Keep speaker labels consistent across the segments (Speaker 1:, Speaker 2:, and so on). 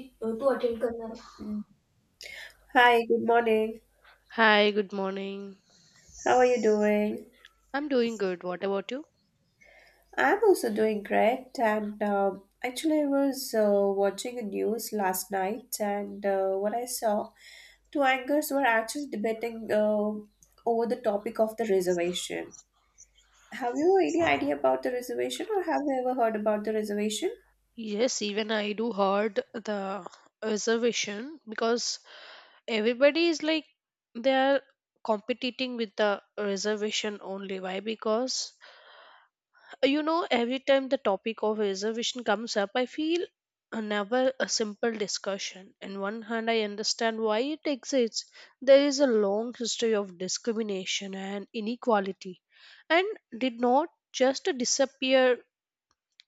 Speaker 1: तू अटेंड करणार आहे Mm. Hi, good morning.
Speaker 2: Hi, good morning.
Speaker 1: How are you doing?
Speaker 2: I'm doing good. What about you?
Speaker 1: I'm also doing great. And actually, I was watching the news last night, and what I saw, two anchors were actually debating over the topic of the reservation. Have you any idea about the reservation, or have you ever heard about the reservation?
Speaker 2: Yes, even I do heard the reservation because everybody is like they are competing with the reservation only. Why? Because every time the topic of reservation comes up, I feel never a simple discussion. On one hand, I understand why it exists. There is a long history of discrimination and inequality, and did not just disappear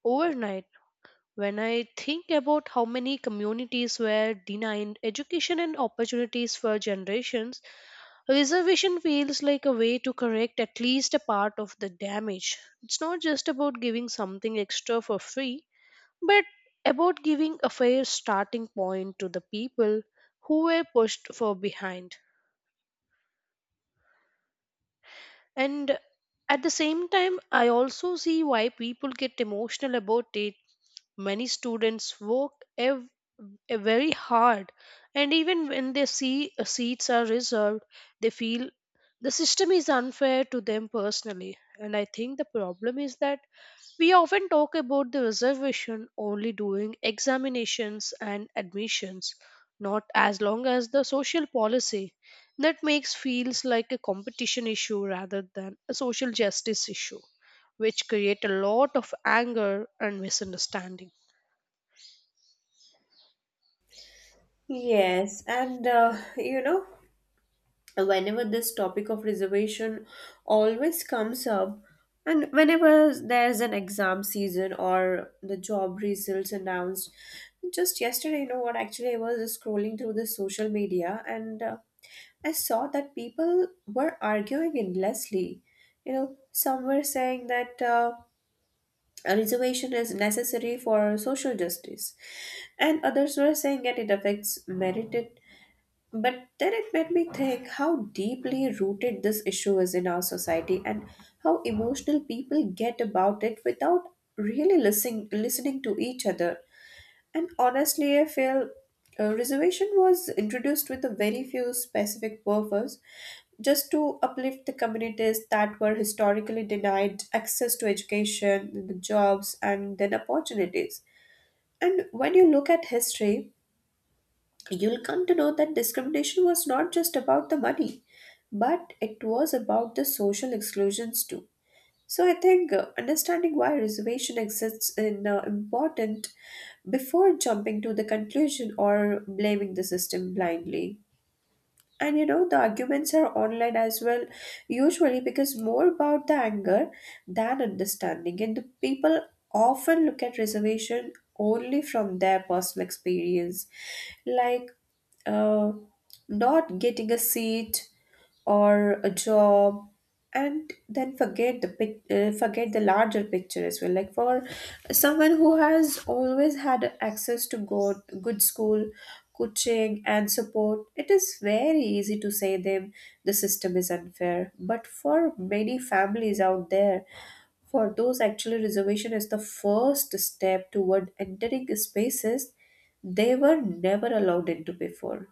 Speaker 2: overnight. When I think about how many communities were denied education and opportunities for generations, reservation feels like a way to correct at least a part of the damage. It's not just about giving something extra for free, but about giving a fair starting point to the people who were pushed for behind. And at the same time, I also see why people get emotional about it. Many students work very hard, and even when they seats are reserved, they feel the system is unfair to them personally. And I think the problem is that we often talk about the reservation only during examinations and admissions, not as long as the social policy that makes feels like a competition issue rather than a social justice issue which create a lot of anger and misunderstanding.
Speaker 1: Yes, and you know, whenever this topic of reservation always comes up, and whenever there's an exam season or the job results announced. Just yesterday, you know what, actually I was scrolling through the social media, and I saw that people were arguing endlessly. Some were saying that a reservation is necessary for social justice, and others were saying that it affects merited. But then it made me think how deeply rooted this issue is in our society, and how emotional people get about it without really listening to each other. And honestly, I feel reservation was introduced with a very few specific purpose, just to uplift the communities that were historically denied access to education, the jobs, and then opportunities. And when you look at history, you'll come to know that discrimination was not just about the money, but it was about the social exclusions too. So I think understanding why reservation exists is important before jumping to the conclusion or blaming the system blindly. And the arguments are online as well, usually because more about the anger than understanding. And the people often look at reservation only from their personal experience, like uh, not getting a seat or a job, and then forget the larger picture as well. Like for someone who has always had access to good school, coaching, and support, it is very easy to say them the system is unfair. But for many families out there, for those, actually reservation is the first step toward entering spaces they were never allowed into before.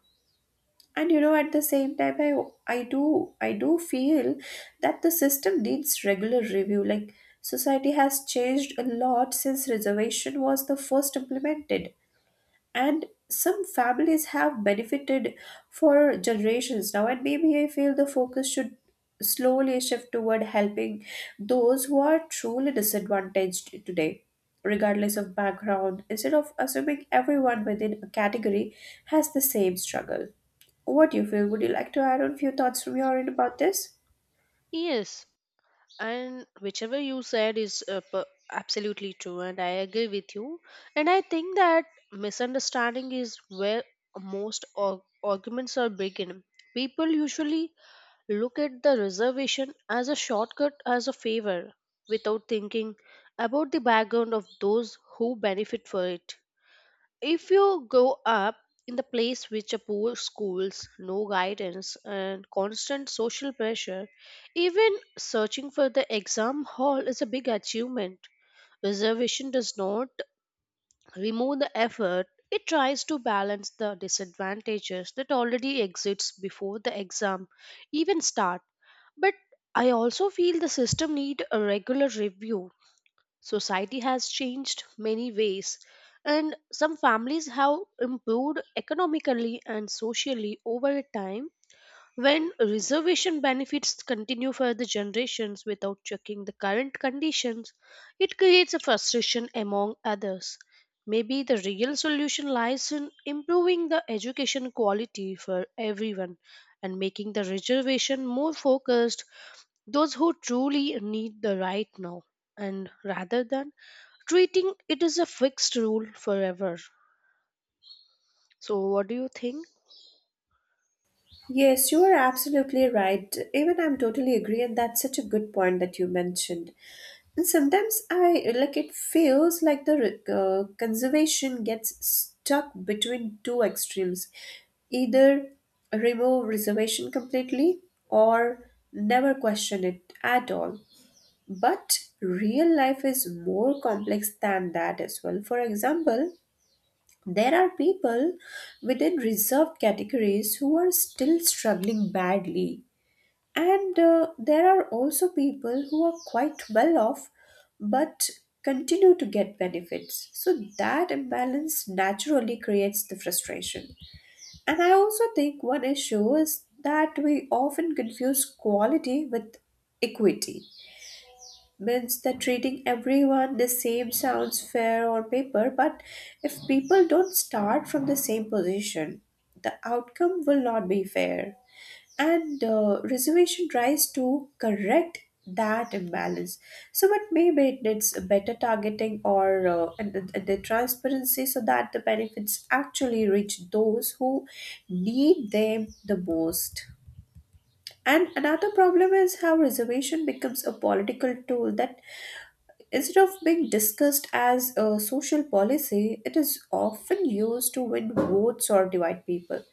Speaker 1: And you know at the same time i i do i do feel that the system needs regular review, like society has changed a lot since reservation was the first implemented, and some families have benefited for generations now. And maybe I feel the focus should slowly shift toward helping those who are truly disadvantaged today, regardless of background, instead of assuming everyone within a category has the same struggle. What do you feel? Would you like to add on a few thoughts from your end about this?
Speaker 2: Yes, and whichever you said is absolutely true, and I agree with you. And I think that misunderstanding is where most arguments are begin. People usually look at the reservation as a shortcut, as a favor, without thinking about the background of those who benefit for it. If you grow up in the place with a poor schools, no guidance and constant social pressure, even searching for the exam hall is a big achievement. Reservation does not remove the effort. It tries to balance the disadvantages that already exists before the exam even start. But I also feel the system need a regular review. Society has changed many ways, and some families have improved economically and socially over time. When reservation benefits continue for the generations without checking the current conditions, it creates a frustration among others. Maybe the real solution lies in improving the education quality for everyone and making the reservation more focused those who truly need the right now, and rather than treating it as a fixed rule forever. So, what do you think?
Speaker 1: Yes, you are absolutely right. Even I'm totally agree, and that's such a good point that you mentioned. And sometimes I, like, it feels like the conservation gets stuck between two extremes, either remove reservation completely or never question it at all. But real life is more complex than that as well. For example, there are people within reserved categories who are still struggling badly, and there are also people who are quite well off but continue to get benefits. So, that imbalance naturally creates the frustration. And I also think one issue is that we often confuse quality with equity, means that treating everyone the same sounds fair on paper, but if people don't start from the same position, the outcome will not be fair. And reservation tries to correct that imbalance. So, but maybe it needs a better targeting or and the transparency so that the benefits actually reach those who need them the most. And another problem is how reservation becomes a political tool that, instead of being discussed as a social policy, it is often used to win votes or divide people.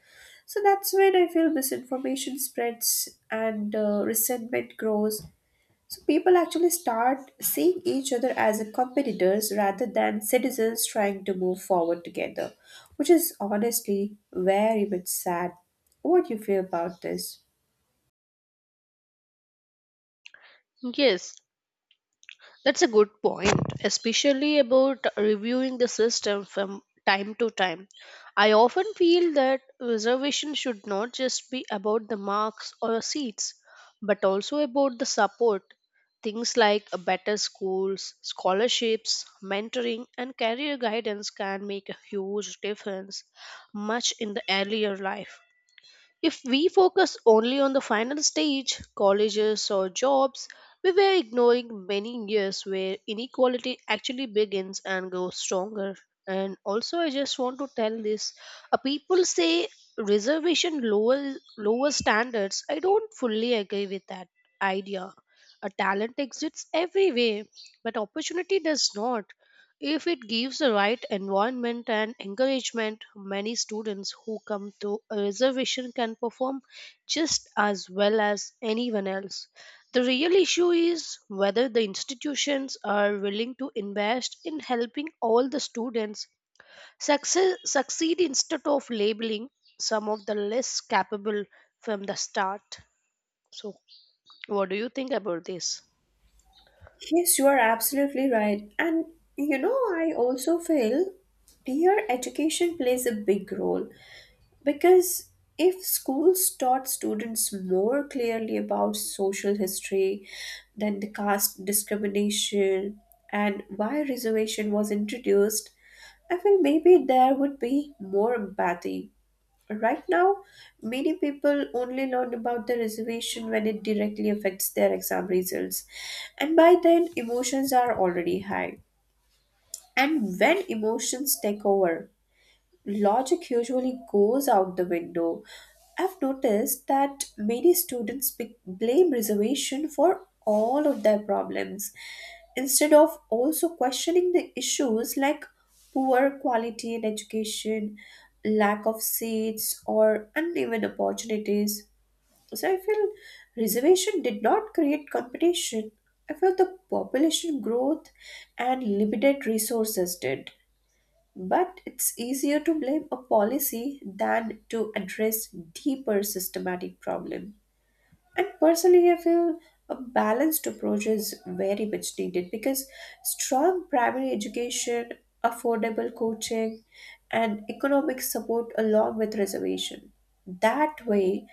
Speaker 1: So that's when I feel misinformation spreads and resentment grows. So people actually start seeing each other as competitors rather than citizens trying to move forward together, which is honestly very much sad. What do you feel about this?
Speaker 2: Yes, that's a good point, especially about reviewing the system from time to time. I often feel that reservation should not just be about the marks or seats, but also about the support. Things like a better schools, scholarships, mentoring, and career guidance can make a huge difference much in the earlier life. If we focus only on the final stage, colleges or jobs, we were ignoring many years where inequality actually begins and grows stronger. And also, I just want to tell this. People say reservation lower standards. I don't fully agree with that idea. A talent exists everywhere, but opportunity does not. If it gives the right environment and encouragement, many students who come to a reservation can perform just as well as anyone else. The real issue is whether the institutions are willing to invest in helping all the students succeed instead of labeling some of the less capable from the start. So, what do you think about this?
Speaker 1: Yes, you are absolutely right. And I also feel peer education plays a big role, because if schools taught students more clearly about social history, then the caste discrimination and why reservation was introduced, I feel maybe there would be more empathy. Right now, many people only learn about the reservation when it directly affects their exam results, and by then, emotions are already high. And when emotions take over, logic usually goes out the window. I've noticed that many students blame reservation for all of their problems, instead of also questioning the issues like poor quality in education, lack of seats, or uneven opportunities. So I feel reservation did not create competition. I feel the population growth and limited resources did. But it's easier to blame a policy than to address deeper systematic problems. And personally, I feel a balanced approach is very much needed, because strong primary education, affordable coaching, and economic support along with reservation. That way,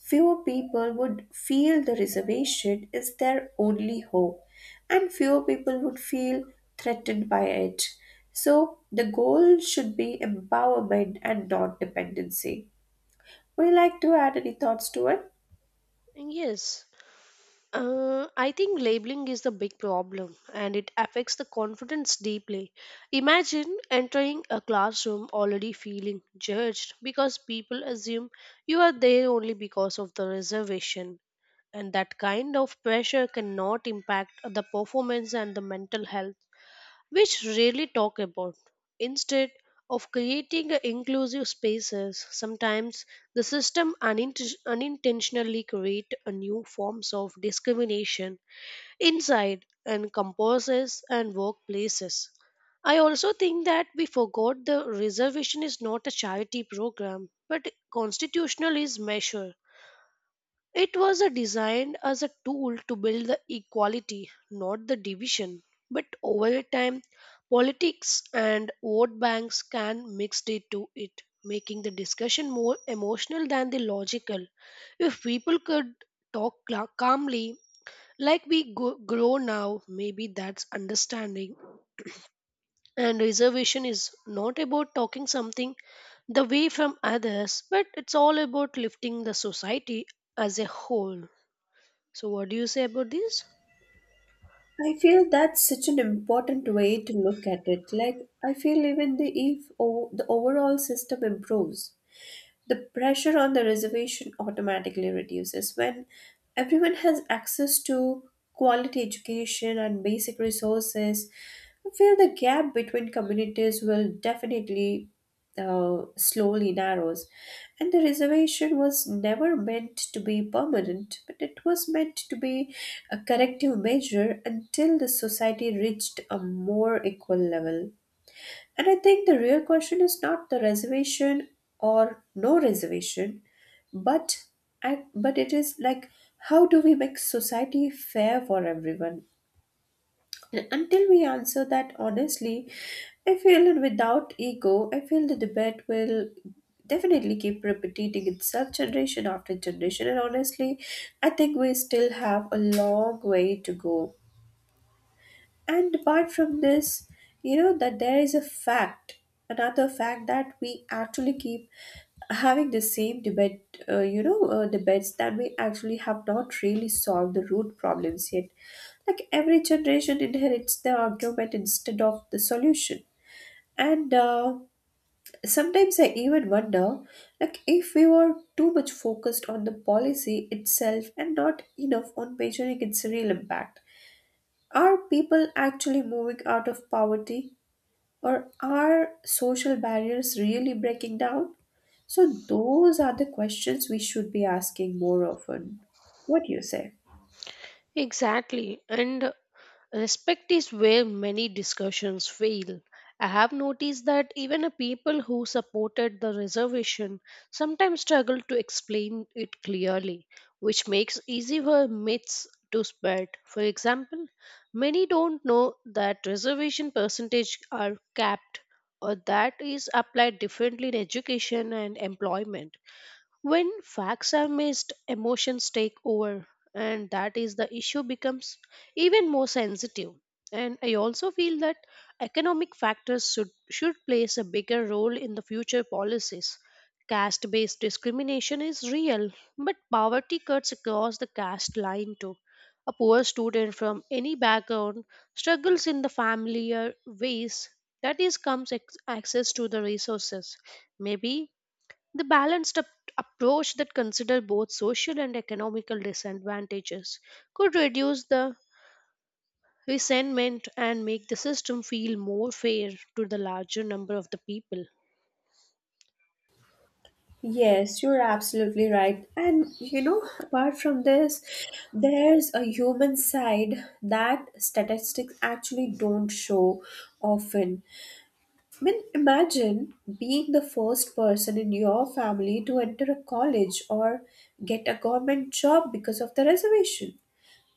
Speaker 1: fewer people would feel the reservation is their only hope, and fewer people would feel threatened by it. So, the goal should be empowerment and not dependency. Would you like to add any thoughts to it?
Speaker 2: Yes. I think labeling is the big problem and it affects the confidence deeply. Imagine entering a classroom already feeling judged because people assume you are there only because of the reservation. And that kind of pressure cannot impact the performance and the mental health which rarely talk about. Instead of creating a inclusive spaces, sometimes the system unintentionally create a new forms of discrimination inside and composes and workplaces. I also think that we forgot the reservation is not a charity program but constitutional is measure. It was a designed as a tool to build the equality, not the division. But over time, politics and vote banks can mix it to it, making the discussion more emotional than the logical. If people could talk calmly, like we grow now, maybe that's understanding. And reservation is not about talking something the way from others, but it's all about lifting the society as a whole. So, what do you say about this?
Speaker 1: I feel that's such an important way to look at it. Like, I feel even the if o- the overall system improves, the pressure on the reservation automatically reduces. When everyone has access to quality education and basic resources, I feel the gap between communities will definitely slowly narrows, and the reservation was never meant to be permanent, but it was meant to be a corrective measure until the society reached a more equal level. And I think the real question is not the reservation or no reservation, but but it is like, how do we make society fair for everyone, and until we answer that honestly, I feel, it without ego, I feel the debate will definitely keep repeating itself generation after generation. And honestly, I think we still have a long way to go. And apart from this, you know that there is a fact, another fact, that we actually keep having the same debate, debates that we actually have not really solved the root problems yet, like every generation inherits the argument instead of the solution. And sometimes I even wonder, like, if we were too much focused on the policy itself and not enough on measuring its real impact. Are people actually moving out of poverty, or are social barriers really breaking down? So, those are the questions we should be asking more often. What do you say?
Speaker 2: Exactly. And respect is where many discussions fail. I have noticed that even a people who supported the reservation sometimes struggle to explain it clearly, which makes easy for myths to spread. For example, many don't know that reservation percentage are capped or that is applied differently in education and employment. When facts are missed, emotions take over, and that is the issue becomes even more sensitive. And I also feel that economic factors should play a bigger role in the future policies. Caste based discrimination is real, but poverty cuts across the caste line too. A poor student from any background struggles in the familiar ways that is comes access to the resources. Maybe the balanced approach that consider both social and economical disadvantages could reduce the resentment and make the system feel more fair to the larger number of the people.
Speaker 1: Yes, you're absolutely right. And apart from this, there's a human side that statistics actually don't show often. I mean, imagine being the first person in your family to enter a college or get a government job because of the reservation.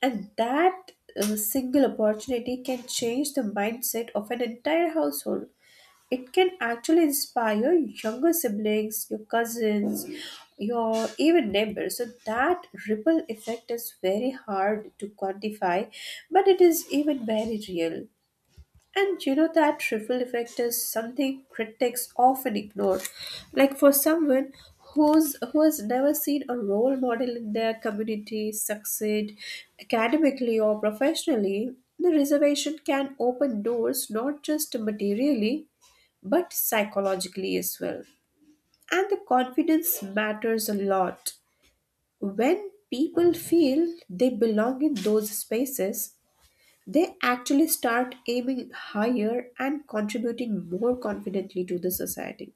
Speaker 1: And that single opportunity can change the mindset of an entire household. It can actually inspire younger siblings, your cousins, your even neighbors. So that ripple effect is very hard to quantify, but it is even very real. And you know that ripple effect is something critics often ignore. Like, for someone who has never seen a role model in their community succeed academically or professionally, the reservation can open doors not just materially but psychologically as well. And the confidence matters a lot. When people feel they belong in those spaces, they actually start aiming higher and contributing more confidently to the society.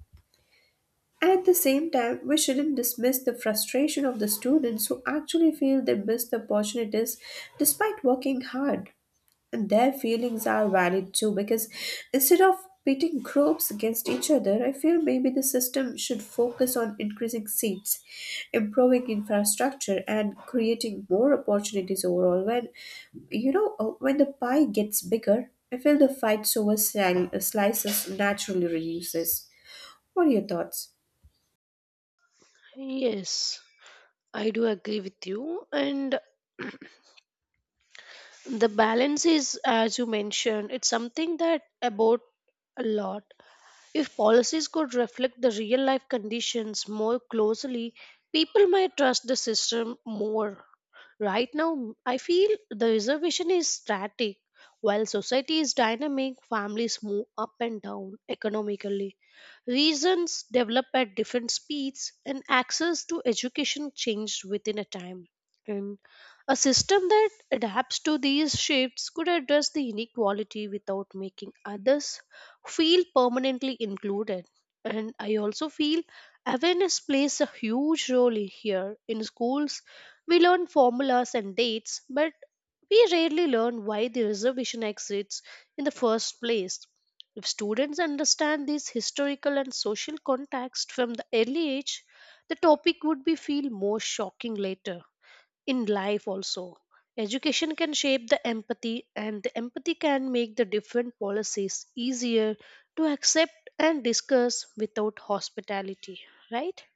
Speaker 1: And at the same time, we shouldn't dismiss the frustration of the students who actually feel they miss the opportunities despite working hard. And their feelings are valid too, because instead of pitting groups against each other, I feel maybe the system should focus on increasing seats, improving infrastructure, and creating more opportunities overall. When the pie gets bigger, I feel the fights over slices naturally reduces. What are your thoughts?
Speaker 2: Yes, I do agree with you. And the balance is, as you mentioned, it's something that about a lot. If policies could reflect the real life conditions more closely, people might trust the system more. Right now, I feel the reservation is static. While society is dynamic, families move up and down economically. Reasons develop at different speeds, and access to education changed within a time. And a system that adapts to these shifts could address the inequality without making others feel permanently included. And I also feel awareness plays a huge role in here. In schools, we learn formulas and dates, but we rarely learn why the reservation exists in the first place. If students understand this historical and social context from the early age, the topic would be feel more shocking later in life also. Education can shape the empathy and the empathy can make the different policies easier to accept and discuss without hospitality, right?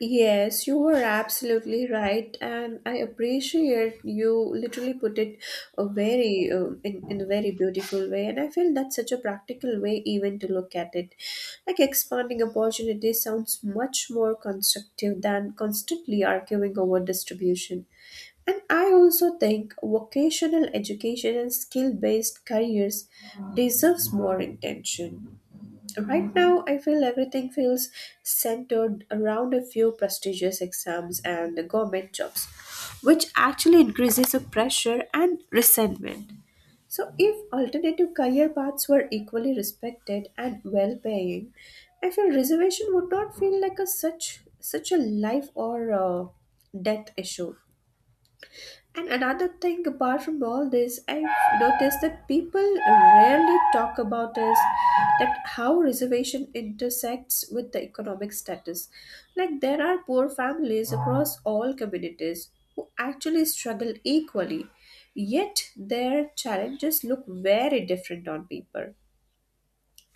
Speaker 1: Yes, you were absolutely right, and I appreciate you literally put it in a very beautiful way, and I feel that's such a practical way even to look at it. Like, expanding opportunities sounds much more constructive than constantly arguing over distribution. And I also think vocational education and skill-based careers deserves more intention. Right now, I feel everything feels centered around a few prestigious exams and government jobs, which actually increases the pressure and resentment. So, if alternative career paths were equally respected and well paying, I feel reservation would not feel like a such a life or death issue. And another thing, apart from all this, I've noticed that people rarely talk about is that how reservation intersects with the economic status. Like, there are poor families across all communities who actually struggle equally, yet their challenges look very different on paper.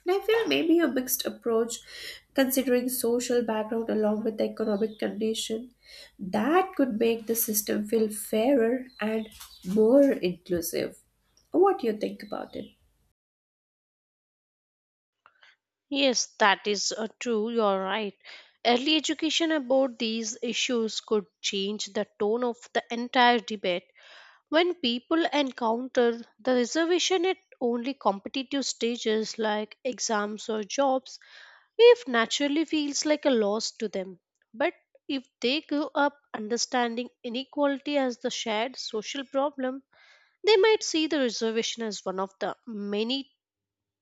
Speaker 1: And I feel maybe a mixed approach, considering social background along with the economic condition, that could make the system feel fairer and more inclusive. What do you think about it?
Speaker 2: Yes, that is true, you're right. Early education about these issues could change the tone of the entire debate. When people encounter the reservation at only competitive stages like exams or jobs, if naturally feels like a loss to them. But if they grow up understanding inequality as the shared social problem, they might see the reservation as one of the many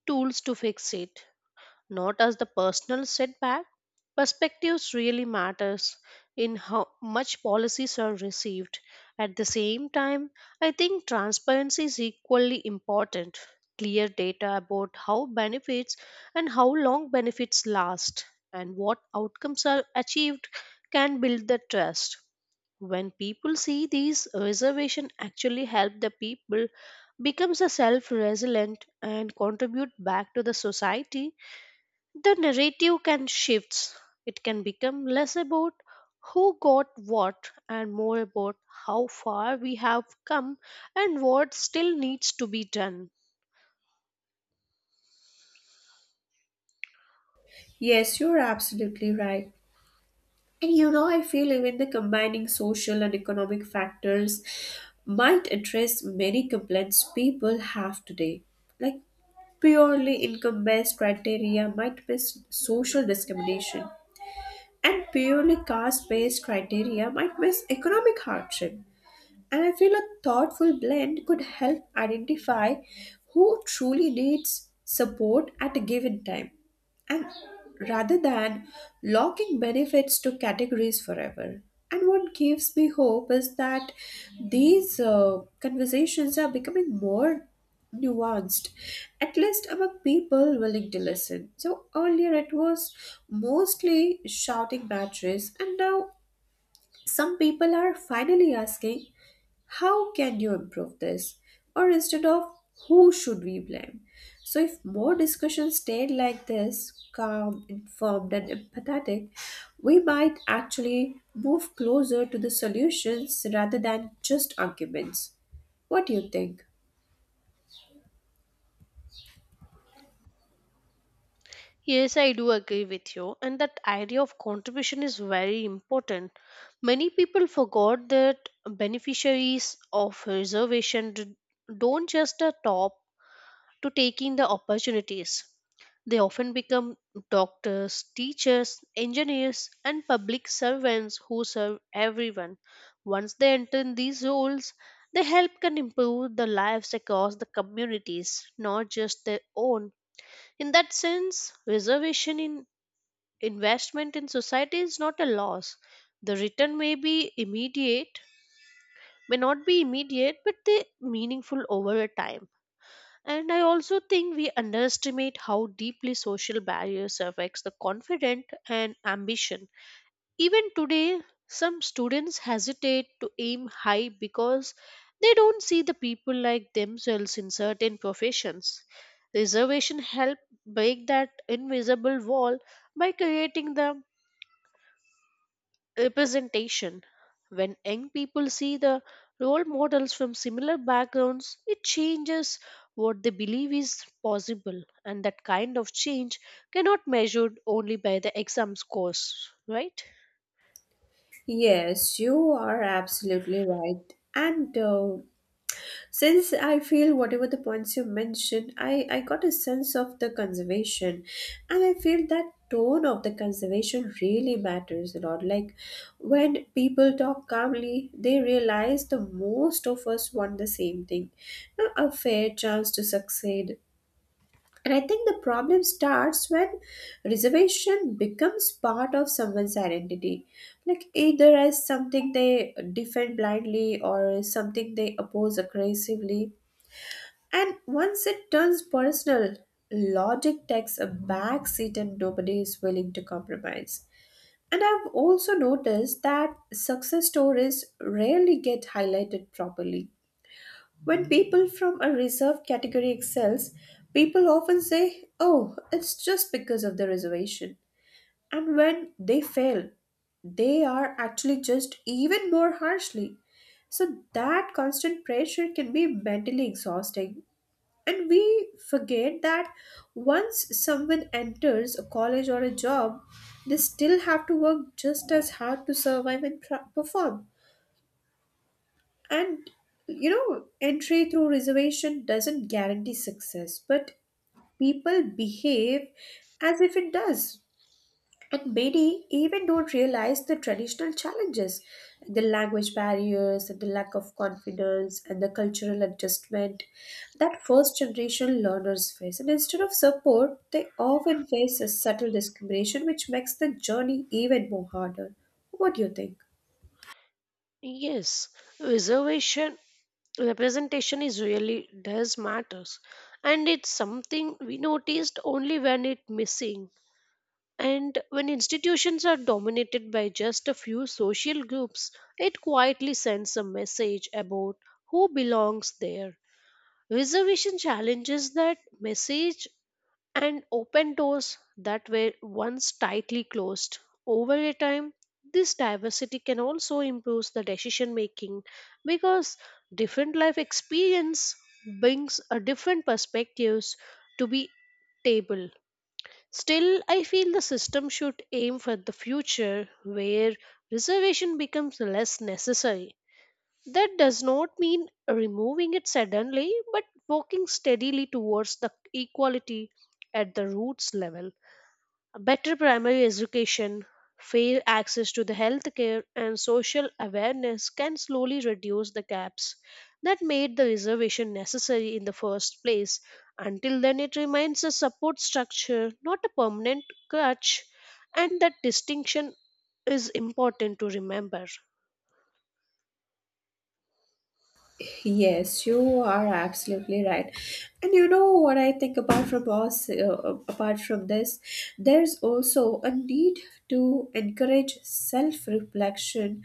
Speaker 2: tools to fix it, not as the personal setback. Perspectives really matters in how much policies are received. At the same time, I think transparency is equally important. Clear data about how benefits and how long benefits last and what outcomes are achieved can build the trust. When people see these reservation actually help the people becomes a self resilient and contribute back to the society, the narrative can shift. It can become less about who got what and more about how far we have come and what still needs to be done.
Speaker 1: Yes, you're absolutely right. And you know, I feel even the combining social and economic factors might address many complaints people have today. Like purely income based criteria might miss social discrimination and purely caste based criteria might miss economic hardship. And I feel a thoughtful blend could help identify who truly needs support at a given time. And rather than locking benefits to categories forever. And what gives me hope is that these conversations are becoming more nuanced, at least among people willing to listen. So earlier it was mostly shouting matches, and now some people are finally asking, how can you improve this? Or instead of, who should we blame? So, if more discussions stayed like this, calm, informed, and empathetic, we might actually move closer to the solutions rather than just arguments. What do you think?
Speaker 2: Yes, I do agree with you, and that idea of contribution is very important. Many people forgot that beneficiaries of reservation don't just the top to taking the opportunities. They often become doctors, teachers, engineers, and public servants who serve everyone. Once they enter in these roles, they help can improve the lives across the communities, not just their own. In that sense, reservation in investment in society is not a loss. The return may be immediate, may not be immediate, but they meaningful over a time. And I also think we underestimate how deeply social barriers affects the confidence and ambition. Even today, some students hesitate to aim high because they don't see the people like themselves in certain professions. Reservation help break that invisible wall by creating the representation. When young people see the role models from similar backgrounds, it changes what they believe is possible, and that kind of change cannot measured only by the exam scores, right?
Speaker 1: Yes, you are absolutely right. And Since I feel whatever the points you mentioned, I got a sense of the conservation. And I feel that tone of the conservation really matters a lot. Like when people talk calmly, they realize the most of us want the same thing. Now, a fair chance to succeed. And I think the problem starts when reservation becomes part of someone's identity. Like either as something they defend blindly or something they oppose aggressively, and once it turns personal, logic takes a back seat and nobody is willing to compromise. And I've also noticed that success stories rarely get highlighted properly. When people from a reserved category excels, people often say, oh, it's just because of the reservation. And when they fail, they are actually just even more harshly. So that constant pressure can be mentally exhausting, and we forget that once someone enters a college or a job, they still have to work just as hard to survive and perform. And you know, entry through reservation doesn't guarantee success, but people behave as if it does. And many even don't realize the traditional challenges, the language barriers, and the lack of confidence, and the cultural adjustment that first generation learners face. And instead of support, they often face a subtle discrimination, which makes the journey even more harder. What do you think?
Speaker 2: Yes, reservation representation is really does matters and it's something we noticed only when it missing. And when institutions are dominated by just a few social groups, it quietly sends a message about who belongs there. Reservation challenges that message and open doors that were once tightly closed. Over a time, this diversity can also improve the decision making because different life experience brings a different perspectives to be table. Still, I feel the system should aim for the future where reservation becomes less necessary. That does not mean removing it suddenly, but working steadily towards the equality at the roots level. Better primary education, fair access to the healthcare, and social awareness can slowly reduce the gaps that made the reservation necessary in the first place. Until then, it remains a support structure, not a permanent crutch, and that distinction is important to remember.
Speaker 1: Yes, you are absolutely right. And you know what I think, apart from this, there's also a need to encourage self-reflection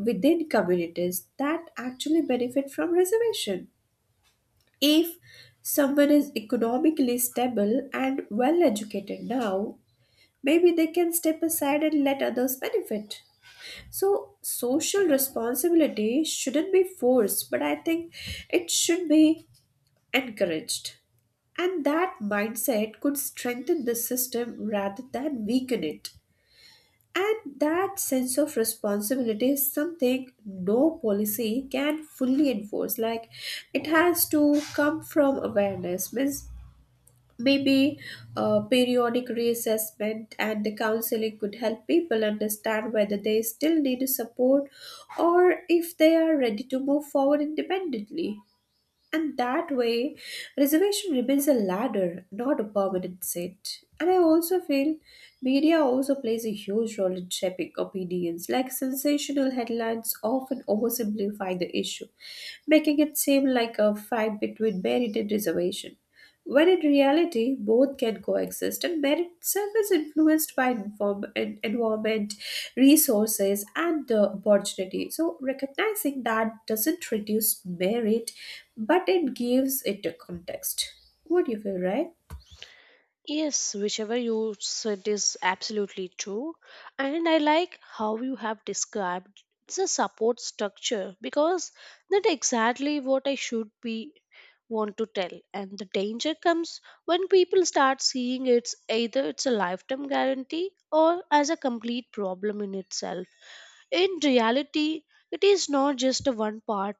Speaker 1: within communities that actually benefit from reservation. If someone is economically stable and well educated now, maybe they can step aside and let others benefit. So, social responsibility shouldn't be forced, but I think it should be encouraged. And that mindset could strengthen the system rather than weaken it. And that sense of responsibility is something no policy can fully enforce. Like it has to come from awareness. Means maybe periodic reassessment and the counseling could help people understand whether they still need support or if they are ready to move forward independently. And that way, reservation remains a ladder, not a permanent set. And I also feel media also plays a huge role in shaping opinions, like sensational headlines often oversimplify the issue, making it seem like a fight between merit and reservation. When in reality, both can coexist, and merit itself is influenced by environment, resources, and the opportunity. So, recognizing that doesn't reduce merit, but it gives it a context. What do you feel, right?
Speaker 2: Yes, whichever you said is absolutely true. And I like how you have described it's a support structure because that exactly what I should be want to tell. And the danger comes when people start seeing it's either it's a lifetime guarantee or as a complete problem in itself. In reality, it is not just a one part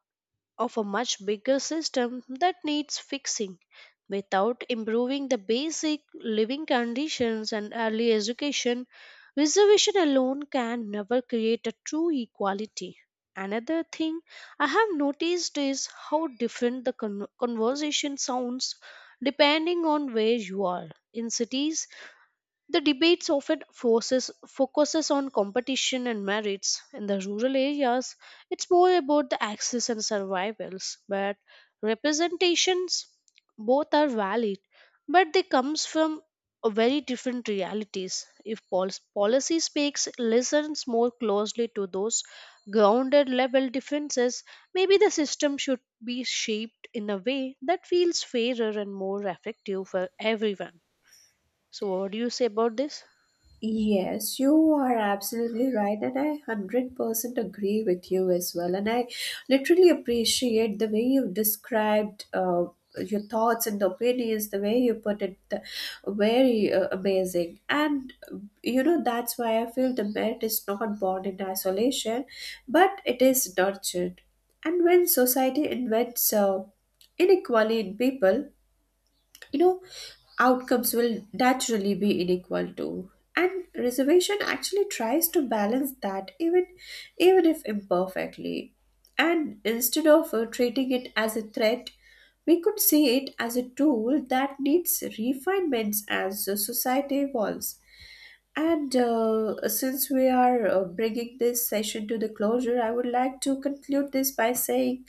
Speaker 2: of a much bigger system that needs fixing. Without improving the basic living conditions and early education, reservation alone can never create a true equality. Another thing I have noticed is how different the conversation sounds depending on where you are. In cities, the debates often focuses on competition and merits. In the rural areas, it's more about the access and survivals. But representations, both are valid, but they comes from a very different realities. If policy listens more closely to those grounded level differences, maybe the system should be shaped in a way that feels fairer and more effective for everyone. So, what do you say about this?
Speaker 1: Yes, you are absolutely right, and I 100% agree with you as well. And I literally appreciate the way you described your thoughts and opinions, the way you put it, the, very amazing. And You know, that's why I feel the merit is not born in isolation, but it is nurtured. And when society invents inequality in people, you know, outcomes will naturally be unequal too, and reservation actually tries to balance that, even if imperfectly, and instead of treating it as a threat, we could see it as a tool that needs refinements as society evolves. And since we are bringing this session to the closure, I would like to conclude this by saying,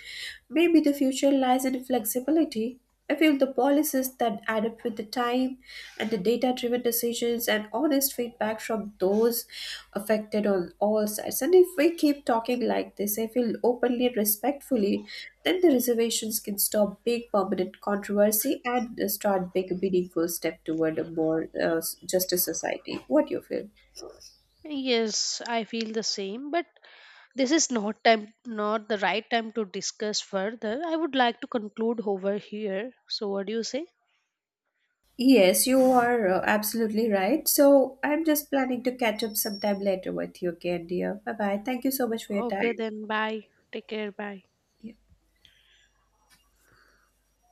Speaker 1: maybe the future lies in flexibility. I feel the policies that adapt with the time, and the data driven decisions and honest feedback from those affected on all sides. And if we keep talking like this, I feel openly and respectfully, then the reservations can stop big permanent controversy and start big meaningful step toward a more justice society. What do you feel?
Speaker 2: Yes, I feel the same, but this is not time not the right time to discuss further. I would like to conclude over here. So what do you say?
Speaker 1: Yes, you are absolutely right. So I'm just planning to catch up sometime later with you again, dear. Bye bye. Thank you so much for your
Speaker 2: Okay,
Speaker 1: time.
Speaker 2: then bye. Take care. Bye.
Speaker 1: Yeah.